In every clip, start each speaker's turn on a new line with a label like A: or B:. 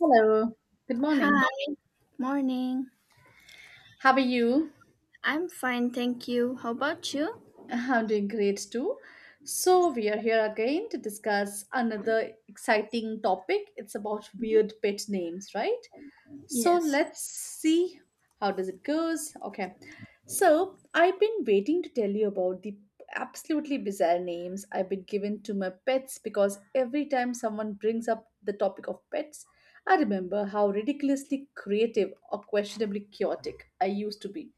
A: Hello, good morning.
B: Hi, morning.
A: How are you?
B: I'm fine, thank you. How about you?
A: I'm doing great too. So, we are here again to discuss another exciting topic. It's about weird pet names, right? So
B: Yes.
A: let's see how does it goes. Okay. So I've been waiting to tell you about the absolutely bizarre names I've been given to my pets because every time someone brings up the topic of pets, I remember how ridiculously creative or questionably chaotic I used to be.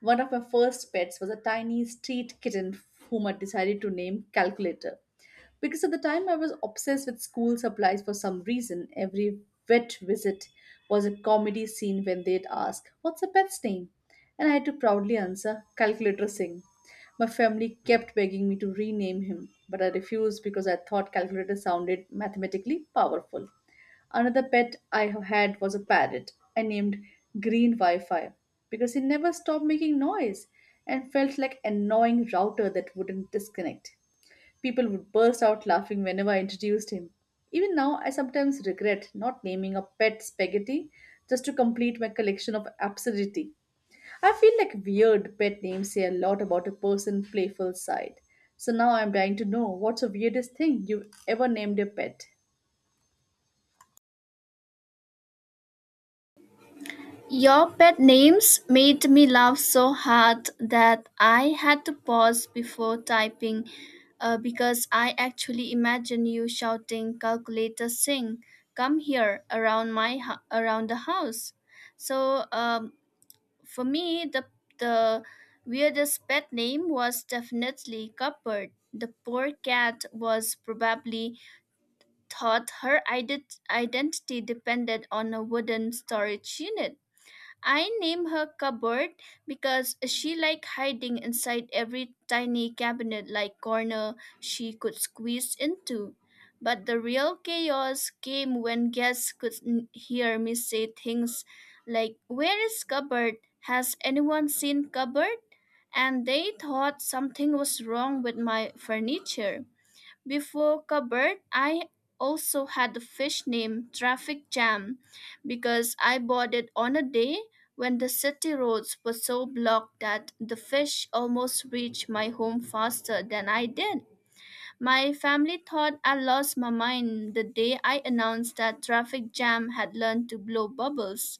A: One of my first pets was a tiny street kitten whom I decided to name Calculator. Because at the time I was obsessed with school supplies for some reason. Every vet visit was a comedy scene when they'd ask, What's a pet's name? And I had to proudly answer, Calculator Singh. My family kept begging me to rename him, but I refused because I thought calculator sounded mathematically powerful. Another pet I have had was a parrot. I named Green Wi Fi because he never stopped making noise and felt like an annoying router that wouldn't disconnect. People would burst out laughing whenever I introduced him. Even now, I sometimes regret not naming a pet spaghetti just to complete my collection of absurdity. I feel like weird pet names say a lot about a person's playful side. So now I'm dying to know what's the weirdest thing you've ever named your pet.
B: Your pet names made me laugh so hard that I had to pause before typing because I actually imagine you shouting calculator sing come here around around the house. So um, for me the weirdest pet name was definitely Cupboard. The poor cat was probably thought her identity depended on a wooden storage unit. I named her cupboard because she liked hiding inside every tiny cabinet like corner she could squeeze into. But the real chaos came when guests hear me say things like, "Where is cupboard? Has anyone seen cupboard?" And they thought something was wrong with my furniture. Before Cupboard, I also had a fish named Traffic Jam because I bought it on a day when the city roads were so blocked that the fish almost reached my home faster than I did. My family thought I lost my mind the day I announced that Traffic Jam had learned to blow bubbles.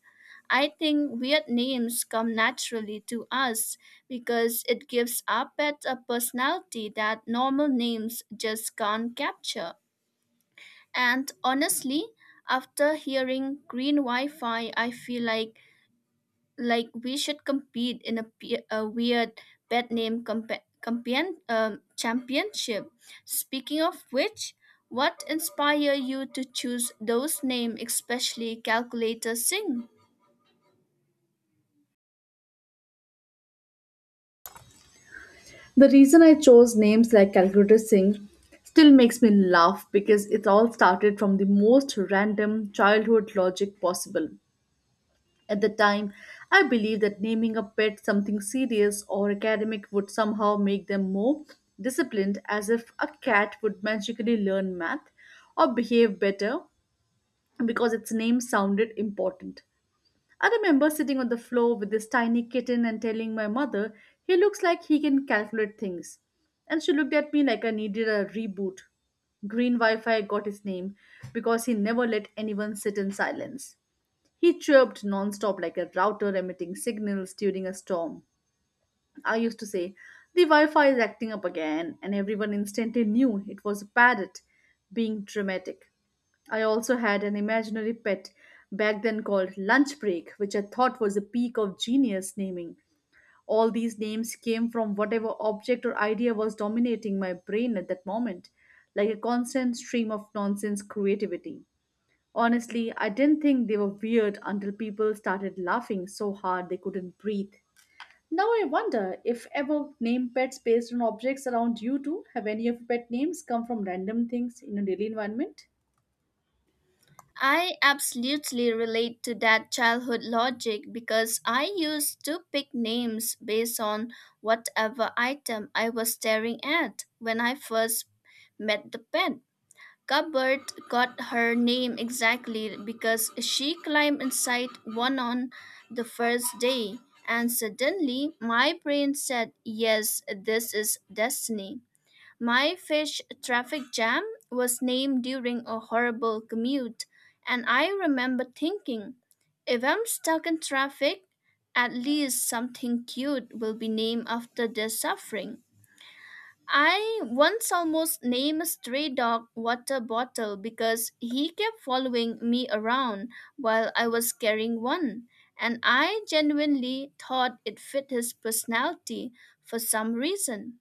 B: I think weird names come naturally to us because it gives our pet a personality that normal names just can't capture. And honestly, after hearing green Wi Fi, I feel like we should compete in a weird pet name championship. Speaking of which, what inspire you to choose those names, especially Calculator Sing.
A: The reason I chose names like Calcutta Singh still makes me laugh because it all started from the most random childhood logic possible. At the time, I believed that naming a pet something serious or academic would somehow make them more disciplined, as if a cat would magically learn math or behave better because its name sounded important. I remember sitting on the floor with this tiny kitten and telling my mother, he looks like he can calculate things. And she looked at me like I needed a reboot. Green Wi Fi got his name because he never let anyone sit in silence. He chirped nonstop like a router emitting signals during a storm. I used to say, The Wi Fi is acting up again, and everyone instantly knew it was a parrot being dramatic. I also had an imaginary pet back then called Lunch Break, which I thought was the peak of genius naming. All these names came from whatever object or idea was dominating my brain at that moment, like a constant stream of nonsense creativity. Honestly, I didn't think they were weird until people started laughing so hard they couldn't breathe. Now I wonder if ever name pets based on objects around you too. Have any of your pet names come from random things in your daily environment?
B: I absolutely relate to that childhood logic because I used to pick names based on whatever item I was staring at when I first met the pet. Cuthbert got her name exactly because she climbed inside one on the first day, and suddenly my brain said, "Yes, this is destiny." My fish traffic jam was named during a horrible commute, and I remember thinking, if I'm stuck in traffic, at least something cute will be named after this suffering. I once almost named a stray dog water bottle because he kept following me around while I was carrying one, and I genuinely thought it fit his personality for some reason.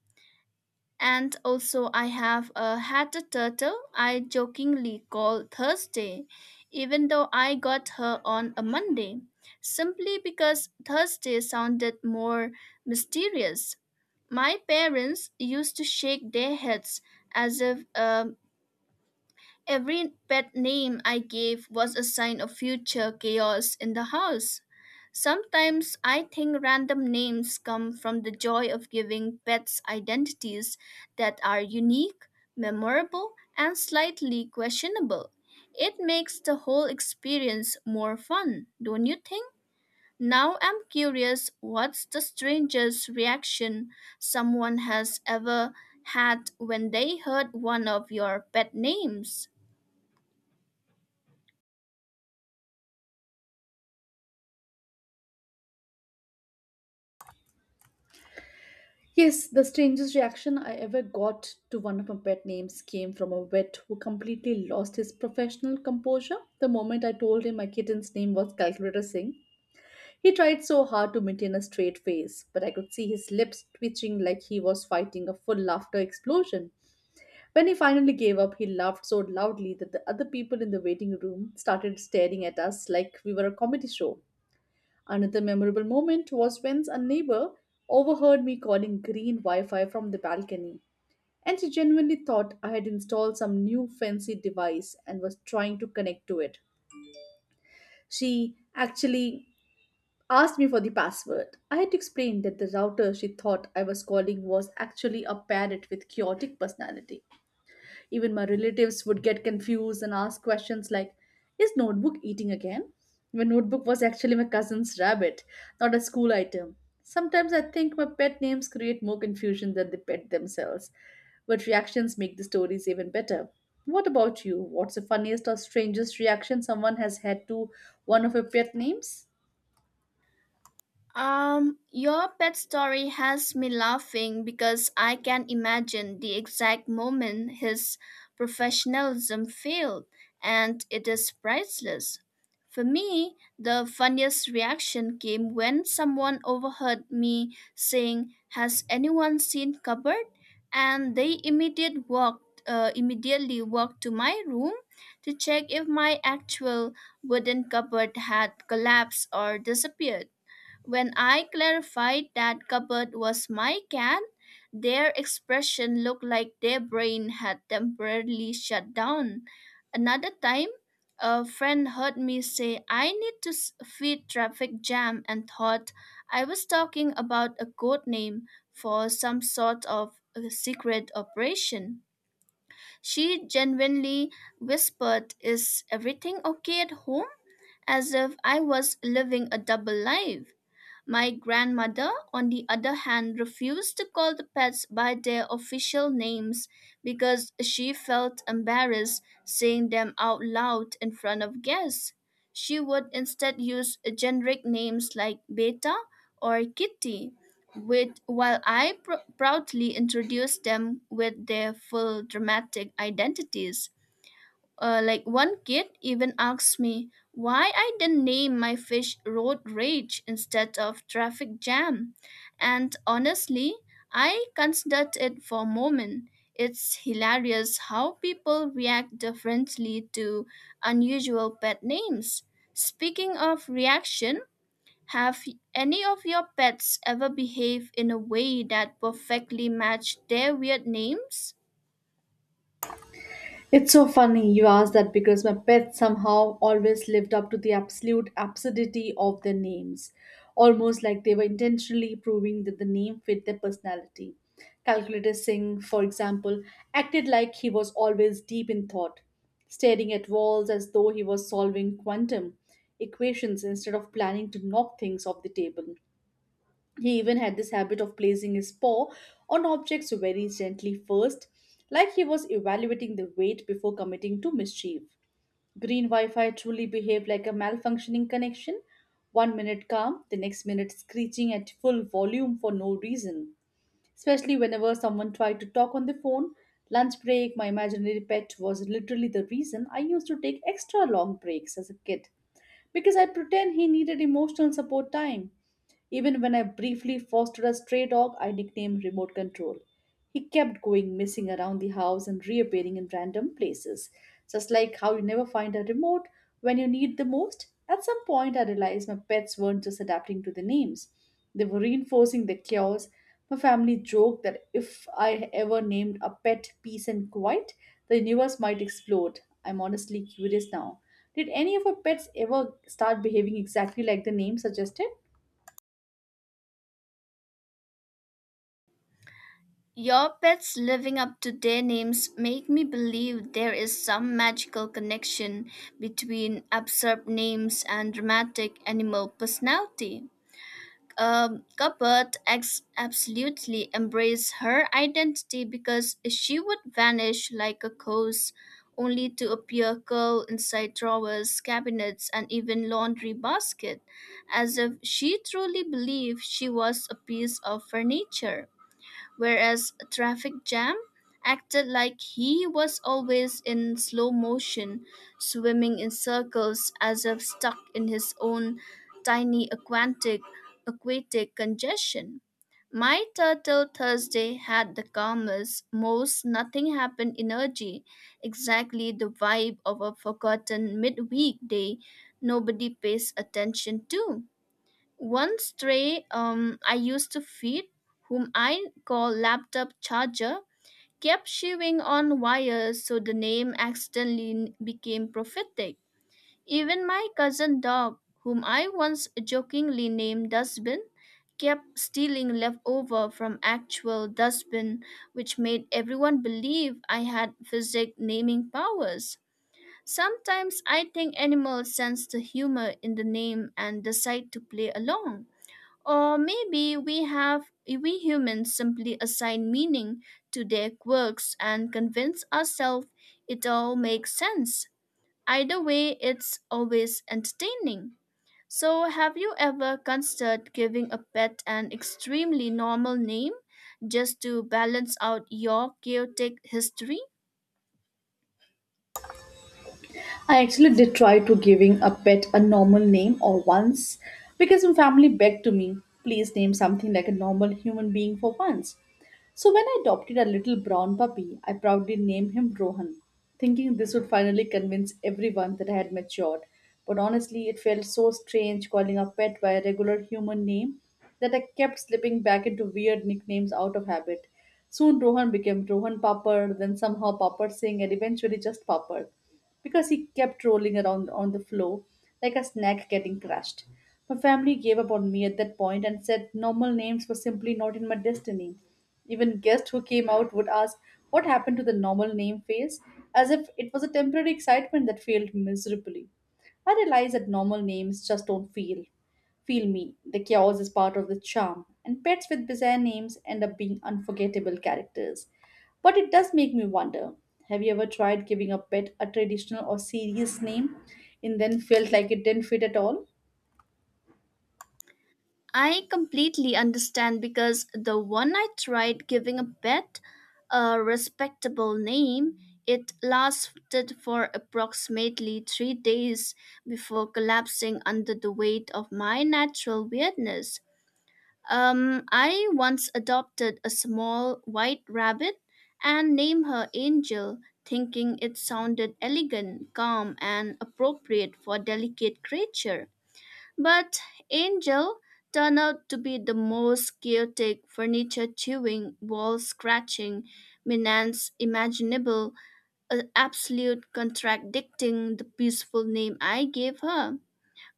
B: And also, I have a had a turtle I jokingly call Thursday, even though I got her on a Monday, simply because Thursday sounded more mysterious. My parents used to shake their heads as if every pet name I gave was a sign of future chaos in the house. Sometimes I think random names come from the joy of giving pets identities that are unique, memorable, and slightly questionable. It makes the whole experience more fun, don't you think? Now I'm curious, what's the strangest reaction someone has ever had when they heard one of your pet names?
A: Yes, the strangest reaction I ever got to one of my pet names came from a vet who completely lost his professional composure the moment I told him my kitten's name was Calculator Singh. He tried so hard to maintain a straight face, but I could see his lips twitching like he was fighting a full laughter explosion. When he finally gave up, he laughed so loudly that the other people in the waiting room started staring at us like we were a comedy show. Another memorable moment was when a neighbor overheard me calling green Wi Fi from the balcony, and she genuinely thought I had installed some new fancy device and was trying to connect to it. She actually asked me for the password. I had to explain that the router she thought I was calling was actually a parrot with chaotic personality. Even my relatives would get confused and ask questions like, Is notebook eating again? My notebook was actually my cousin's rabbit, not a school item. Sometimes I think my pet names create more confusion than the pet themselves, but reactions make the stories even better. What about you? What's the funniest or strangest reaction someone has had to one of your pet names?
B: Your pet story has me laughing because I can imagine the exact moment his professionalism failed, and it is priceless. For me, the funniest reaction came when someone overheard me saying, "Has anyone seen cupboard?" and they immediately walked to my room to check if my actual wooden cupboard had collapsed or disappeared. When I clarified that cupboard was my cat, their expression looked like their brain had temporarily shut down. Another time, a friend heard me say I need to s- feed traffic jam" and thought I was talking about a code name for some sort of a secret operation. She genuinely whispered, "Is everything okay at home?" as if I was living a double life. My grandmother, on the other hand, refused to call the pets by their official names because she felt embarrassed saying them out loud in front of guests. She would instead use generic names like Beta or Kitty, with, while proudly introduced them with their full dramatic identities. Like, one kid even asked me why I didn't name my fish Road Rage instead of Traffic Jam. And honestly, I considered it for a moment. It's hilarious how people react differently to unusual pet names. Speaking of reaction, have any of your pets ever behaved in a way that perfectly matched their weird names?
A: It's so funny you asked that because my pets somehow always lived up to the absolute absurdity of their names, almost like they were intentionally proving that the name fit their personality. Calculator Singh, for example, acted like he was always deep in thought, staring at walls as though he was solving quantum equations instead of planning to knock things off the table. He even had this habit of placing his paw on objects very gently first, like he was evaluating the weight before committing to mischief. Green Wi Fi truly behaved like a malfunctioning connection, one minute calm, the next minute screeching at full volume for no reason. Especially whenever someone tried to talk on the phone, lunch break, my imaginary pet was literally the reason I used to take extra long breaks as a kid because I pretend he needed emotional support time. Even when I briefly fostered a stray dog I nicknamed Remote Control. He kept going missing around the house and reappearing in random places. Just like how you never find a remote when you need the most, at some point I realized my pets weren't just adapting to the names. They were reinforcing the chaos. My family joked that if I ever named a pet Peace and Quiet, the universe might explode. I'm honestly curious now. Did any of our pets ever start behaving exactly like the name suggested?
B: Your pets living up to their names make me believe there is some magical connection between absurd names and dramatic animal personality. Cuthbert absolutely embraced her identity because she would vanish like a ghost, only to appear curled inside drawers, cabinets, and even laundry basket, as if she truly believed she was a piece of furniture, whereas a traffic jam acted like he was always in slow motion, swimming in circles as if stuck in his own tiny aquatic congestion. My Turtle Thursday had the calmest, most nothing happened energy, exactly the vibe of a forgotten midweek day nobody pays attention to. One stray I used to feed, whom I call laptop charger, kept chewing on wires so the name accidentally became prophetic. Even my cousin dog, whom I once jokingly named Dustbin, kept stealing leftover from actual dustbin, which made everyone believe I had physic naming powers. Sometimes I think animals sense the humor in the name and decide to play along. Or maybe we humans simply assign meaning to their quirks and convince ourselves it all makes sense. Either way, it's always entertaining. So, have you ever considered giving a pet an extremely normal name just to balance out your chaotic history?
A: I actually did try to giving a pet a normal name or once, because my family begged to me, please name something like a normal human being for once. So when I adopted a little brown puppy, I proudly named him Rohan, thinking this would finally convince everyone that I had matured. But honestly, it felt so strange calling a pet by a regular human name that I kept slipping back into weird nicknames out of habit. Soon Rohan became Rohan Papad, then somehow Papad Singh, and eventually just Papad, because he kept rolling around on the floor like a snack getting crushed. My family gave up on me at that point and said normal names were simply not in my destiny. Even guests who came out would ask what happened to the normal name phase, as if it was a temporary excitement that failed miserably. I realized that normal names just don't feel me. The chaos is part of the charm, and pets with bizarre names end up being unforgettable characters. But it does make me wonder, have you ever tried giving a pet a traditional or serious name and then felt like it didn't fit at all?
B: I completely understand because the one I tried giving a pet a respectable name, it lasted for approximately 3 days before collapsing under the weight of my natural weirdness. I once adopted a small white rabbit and named her Angel, thinking it sounded elegant, calm, and appropriate for a delicate creature. But Angel turned out to be the most chaotic, furniture chewing, wall scratching menace imaginable, an absolute contradicting the peaceful name I gave her.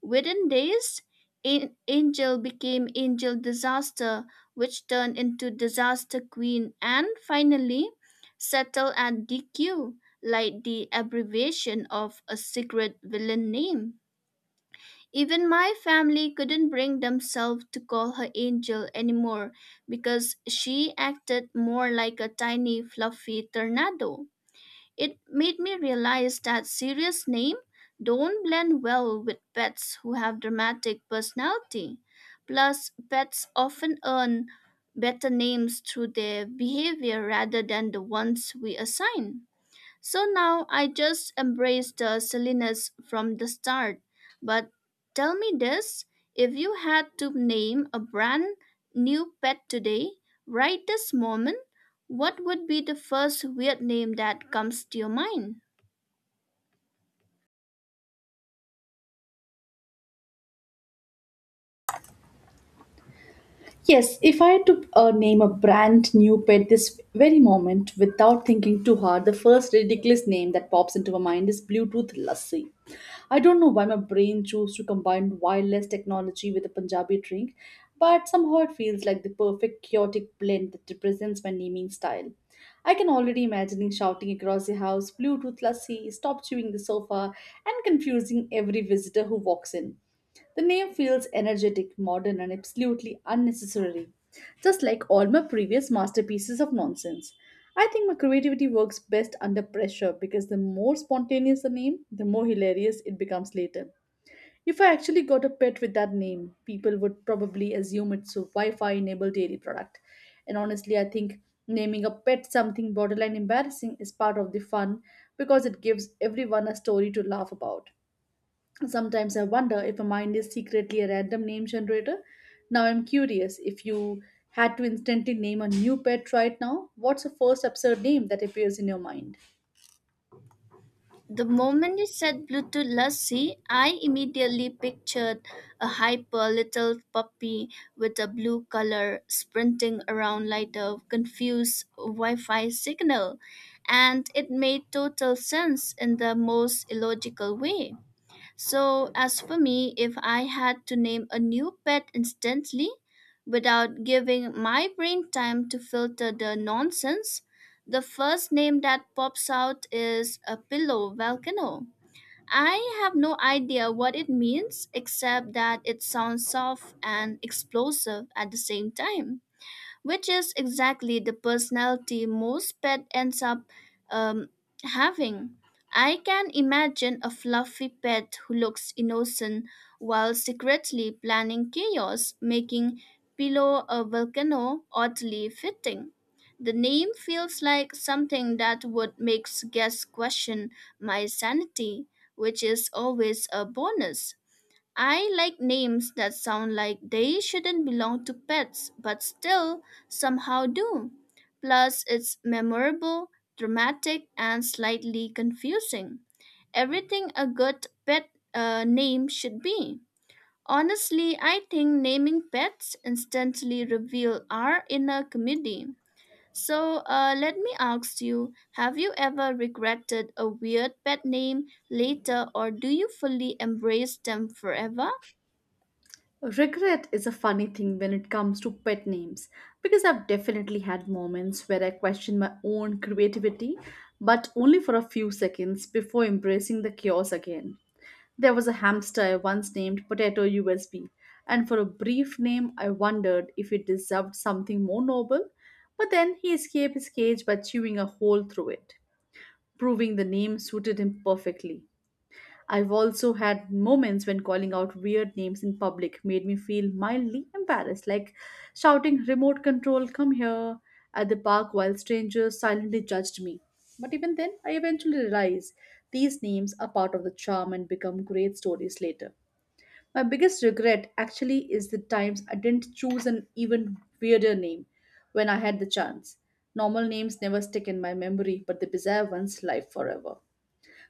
B: Within days, Angel became Angel Disaster, which turned into Disaster Queen and finally settled at DQ, like the abbreviation of a secret villain name. Even my family couldn't bring themselves to call her Angel anymore because she acted more like a tiny fluffy tornado. It made me realize that serious names don't blend well with pets who have dramatic personality. Plus, pets often earn better names through their behavior rather than the ones we assign. So now I just embrace the silliness from the start. But tell me this, if you had to name a brand new pet today, right this moment, what would be the first weird name that comes to your mind?
A: Yes, if I had to name a brand new pet this very moment without thinking too hard, the first ridiculous name that pops into my mind is Bluetooth Lassi. I don't know why my brain chose to combine wireless technology with a Punjabi drink, but somehow it feels like the perfect chaotic blend that represents my naming style. I can already imagine shouting across the house, Bluetooth Lassi, stop chewing the sofa, and confusing every visitor who walks in. The name feels energetic, modern, and absolutely unnecessary, just like all my previous masterpieces of nonsense. I think my creativity works best under pressure because the more spontaneous the name, the more hilarious it becomes later. If I actually got a pet with that name, people would probably assume it's a Wi Fi enabled dairy product. And honestly, I think naming a pet something borderline embarrassing is part of the fun because it gives everyone a story to laugh about. Sometimes I wonder if a mind is secretly a random name generator. Now I'm curious, if you had to instantly name a new pet right now, what's the first absurd name that appears in your mind?
B: The moment you said Bluetooth Lassi, I immediately pictured a hyper little puppy with a blue color sprinting around like a confused Wi Fi signal, and it made total sense in the most illogical way. So, as for me, if I had to name a new pet instantly without giving my brain time to filter the nonsense, the first name that pops out is a pillow volcano. I have no idea what it means except that it sounds soft and explosive at the same time, which is exactly the personality most pet ends up um, having. I can imagine a fluffy pet who looks innocent while secretly planning chaos, making Pillow a volcano oddly fitting. The name feels like something that would make guests question my sanity, which is always a bonus. I like names that sound like they shouldn't belong to pets, but still somehow do. Plus, it's memorable, dramatic, and slightly confusing. Everything a good pet name should be. Honestly, I think naming pets instantly reveal our inner comedy. So, let me ask you, have you ever regretted a weird pet name later, or do you fully embrace them forever?
A: Regret is a funny thing when it comes to pet names because I've definitely had moments where I questioned my own creativity, but only for a few seconds before embracing the chaos again. There was a hamster I once named Potato USB, and for a brief name I wondered if it deserved something more noble, but then he escaped his cage by chewing a hole through it, proving the name suited him perfectly. I've also had moments when calling out weird names in public made me feel mildly embarrassed, like shouting, Remote control, come here, at the park while strangers silently judged me. But even then, I eventually realized these names are part of the charm and become great stories later. My biggest regret actually is the times I didn't choose an even weirder name when I had the chance. Normal names never stick in my memory, but the bizarre ones live forever.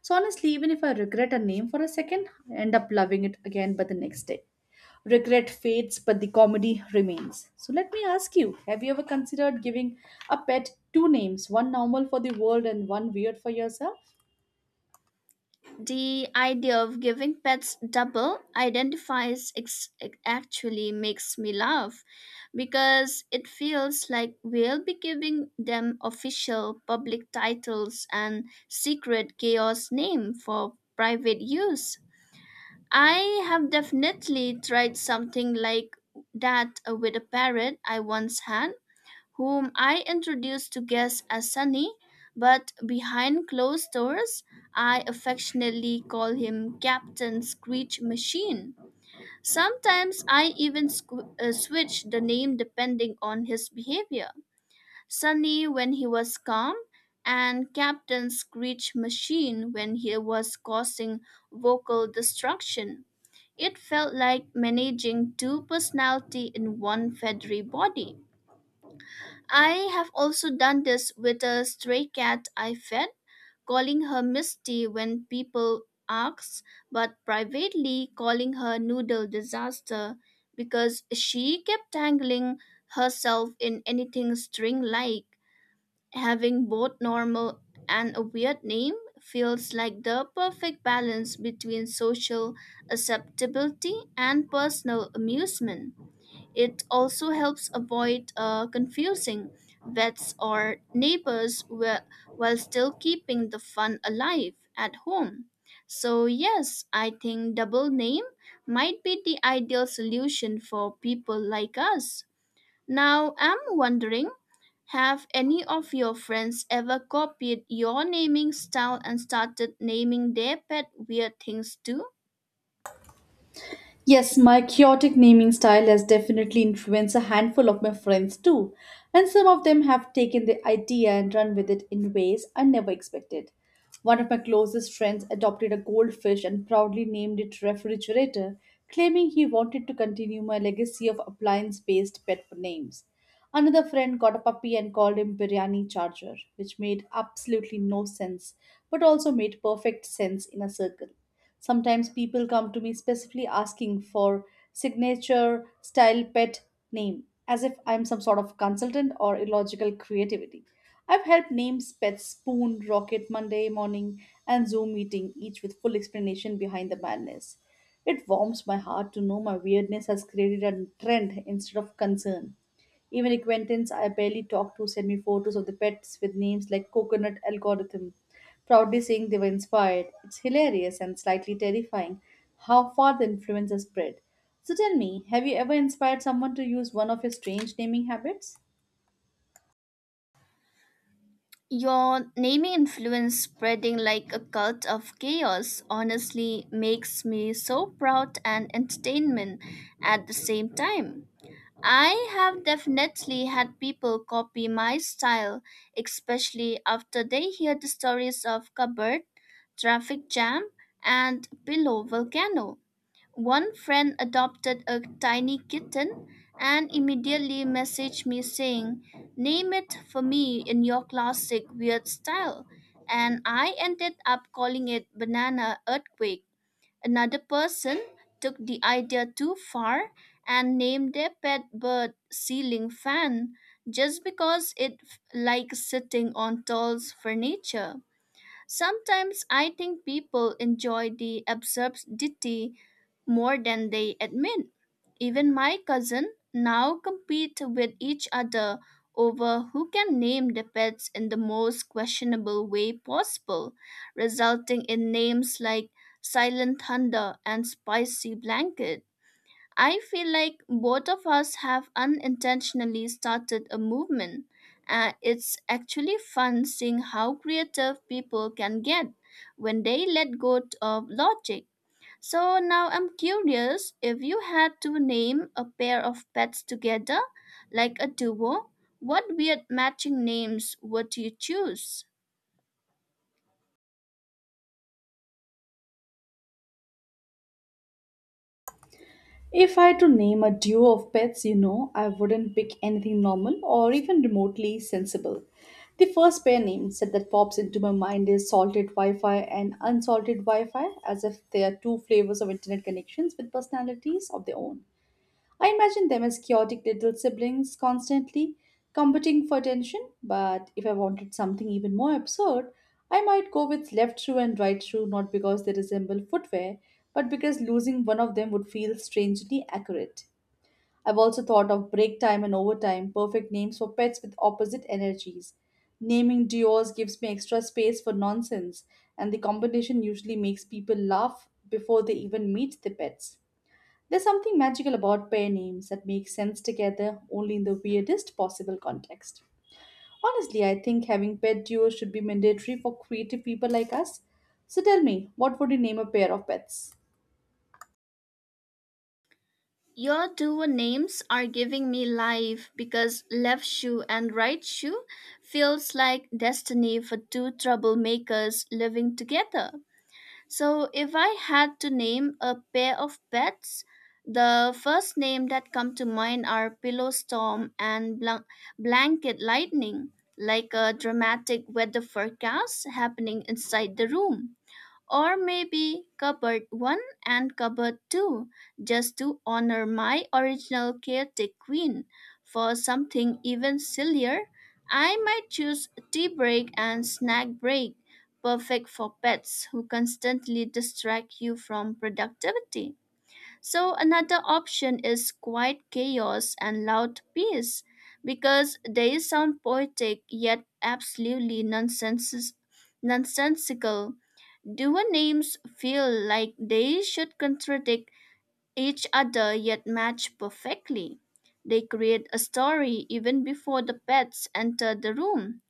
A: So honestly, even if I regret a name for a second, I end up loving it again by the next day. Regret fades, but the comedy remains. So let me ask you, have you ever considered giving a pet two names, one normal for the world and one weird for yourself?
B: The idea of giving pets double identifies actually makes me laugh because it feels like we'll be giving them official public titles and secret chaos name for private use. I have definitely tried something like that with a parrot I once had, whom I introduced to guests as Sunny, but behind closed doors, I affectionately call him Captain Screech Machine. Sometimes I even switch the name depending on his behavior. Sunny when he was calm, and Captain Screech Machine when he was causing vocal destruction. It felt like managing two personality in one feathery body. I have also done this with a stray cat I fed, calling her Misty when people ask, but privately calling her Noodle Disaster because she kept tangling herself in anything string like. Having both normal and a weird name feels like the perfect balance between social acceptability and personal amusement. It also helps avoid confusing vets or neighbors while still keeping the fun alive at home. So, yes, I think double name might be the ideal solution for people like us. Now, I'm wondering, have any of your friends ever copied your naming style and started naming their pet weird things too?
A: Yes, my chaotic naming style has definitely influenced a handful of my friends too, and some of them have taken the idea and run with it in ways I never expected. One of my closest friends adopted a goldfish and proudly named it Refrigerator, claiming he wanted to continue my legacy of appliance based pet names. Another friend got a puppy and called him Biryani Charger, which made absolutely no sense, but also made perfect sense in a circle. Sometimes people come to me specifically asking for signature style pet name, as if I'm some sort of consultant or illogical creativity. I've helped name Pet Spoon, Rocket Monday Morning, and Zoom Meeting, each with full explanation behind the madness. It warms my heart to know my weirdness has created a trend instead of concern. Even acquaintance I barely talk to send me photos of the pets with names like Coconut Algorithm, proudly saying they were inspired. It's hilarious and slightly terrifying how far the influence has spread. So tell me, have you ever inspired someone to use one of your strange naming habits?
B: Your naming influence spreading like a cult of chaos honestly makes me so proud and entertainment at the same time. I have definitely had people copy my style, especially after they hear the stories of cupboard, traffic jam, and pillow volcano. One friend adopted a tiny kitten and immediately messaged me saying, "Name it for me in your classic weird style." And I ended up calling it Banana Earthquake. Another person took the idea too far and named their pet bird Ceiling Fan just because likes sitting on tall furniture. Sometimes I think people enjoy the absurdity more than they admit. Even my cousin now compete with each other over who can name the pets in the most questionable way possible, resulting in names like Silent Thunder and Spicy Blanket. I feel like both of us have unintentionally started a movement. It's actually fun seeing how creative people can get when they let go of logic. So now I'm curious, if you had to name a pair of pets together, like a duo, what weird matching names would you choose?
A: If I had to name a duo of pets, I wouldn't pick anything normal or even remotely sensible. The first pair name set that pops into my mind is salted Wi Fi and unsalted Wi Fi, as if they are two flavors of internet connections with personalities of their own. I imagine them as chaotic little siblings constantly competing for attention, but if I wanted something even more absurd, I might go with left shoe and right shoe not because they resemble footwear, but because losing one of them would feel strangely accurate. I've also thought of break time and overtime, perfect names for pets with opposite energies. Naming duos gives me extra space for nonsense, and the combination usually makes people laugh before they even meet the pets. There's something magical about pair names that make sense together only in the weirdest possible context. Honestly, I think having pet duos should be mandatory for creative people like us. So tell me, what would you name a pair of pets?
B: Your duo names are giving me life because left shoe and right shoe feels like destiny for two troublemakers living together. So if I had to name a pair of pets, the first name that come to mind are Pillow Storm and Blanket Lightning, like a dramatic weather forecast happening inside the room, or maybe cupboard 1 and cupboard 2, just to honor my original chaotic queen. For something even sillier, I might choose tea break and snack break, perfect for pets who constantly distract you from productivity. So another option is quiet chaos and loud peace because they sound poetic yet nonsensical. Duo names feel like they should contradict each other yet match perfectly. They create a story even before the pets enter the room.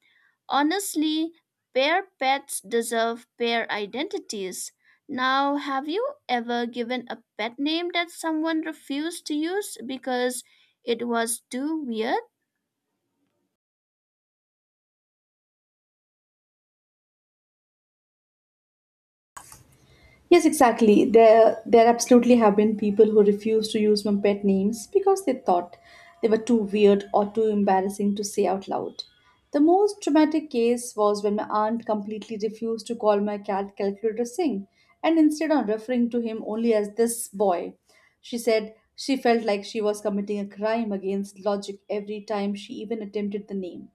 B: Honestly, pair pets deserve pair identities. Now, have you ever given a pet name that someone refused to use because it was too weird?
A: Yes, exactly. There absolutely have been people who refused to use my pet names because they thought they were too weird or too embarrassing to say out loud. The most dramatic case was when my aunt completely refused to call my cat Calculator Singh and instead on referring to him only as this boy. She said she felt like she was committing a crime against logic every time she even attempted the name.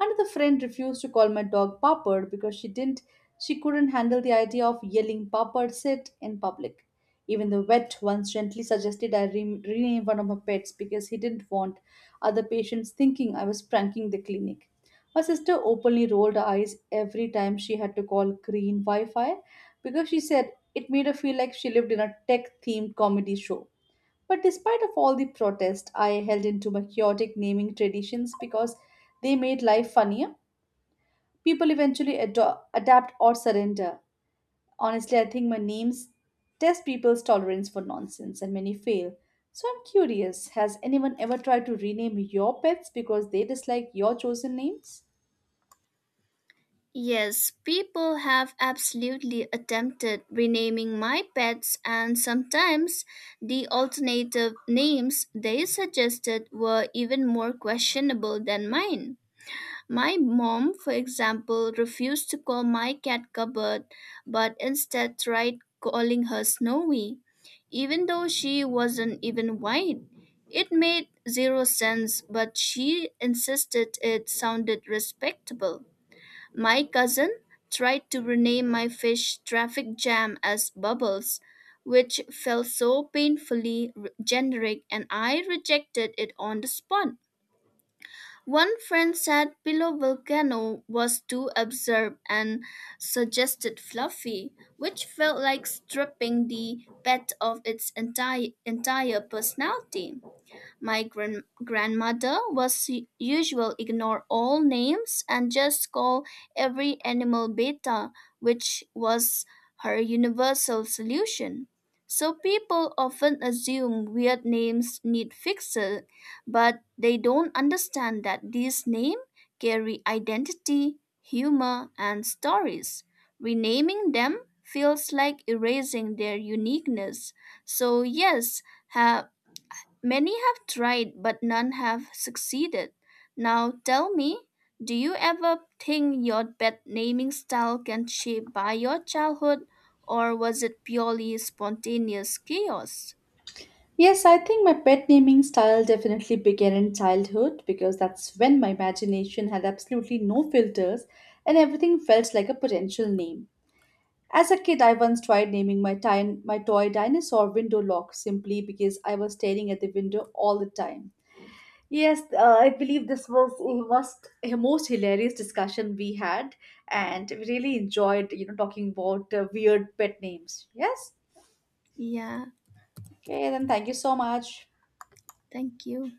A: Another friend refused to call my dog Papad because she couldn't handle the idea of yelling Papad sit in public. Even the vet once gently suggested I rename one of my pets because he didn't want other patients thinking I was pranking the clinic. My sister openly rolled her eyes every time she had to call green Wi Fi because she said it made her feel like she lived in a tech themed comedy show. But despite of all the protest, I held into my chaotic naming traditions because they made life funnier. People eventually adapt or surrender. Honestly, I think my names test people's tolerance for nonsense and many fail. So I'm curious, has anyone ever tried to rename your pets because they dislike your chosen names?
B: Yes, people have absolutely attempted renaming my pets, and sometimes the alternative names they suggested were even more questionable than mine. My mom, for example, refused to call my cat Cupboard, but instead tried calling her Snowy, even though she wasn't even white. It made zero sense, but she insisted it sounded respectable. My cousin tried to rename my fish traffic jam as Bubbles, which felt so generic, and I rejected it on the spot. One friend said Pillow Volcano was too absurd and suggested Fluffy, which felt like stripping the pet of its entire personality. My grandmother was usual ignore all names and just call every animal beta, which was her universal solution. So people often assume weird names need fixing, but they don't understand that these names carry identity, humor, and stories. Renaming them feels like erasing their uniqueness. So yes, have many have tried, but none have succeeded. Now tell me, do you ever think your pet naming style can shape by your childhood, or was it purely spontaneous chaos?
A: Yes, I think my pet naming style definitely began in childhood because that's when my imagination had absolutely no filters and everything felt like a potential name. As a kid, I once tried naming my toy dinosaur Window Lock simply because I was staring at the window all the time. Yes, I believe this was the most hilarious discussion we had, and we really enjoyed, talking about weird pet names. Yes.
B: Yeah,
A: Okay, then thank you so much.
B: thank you.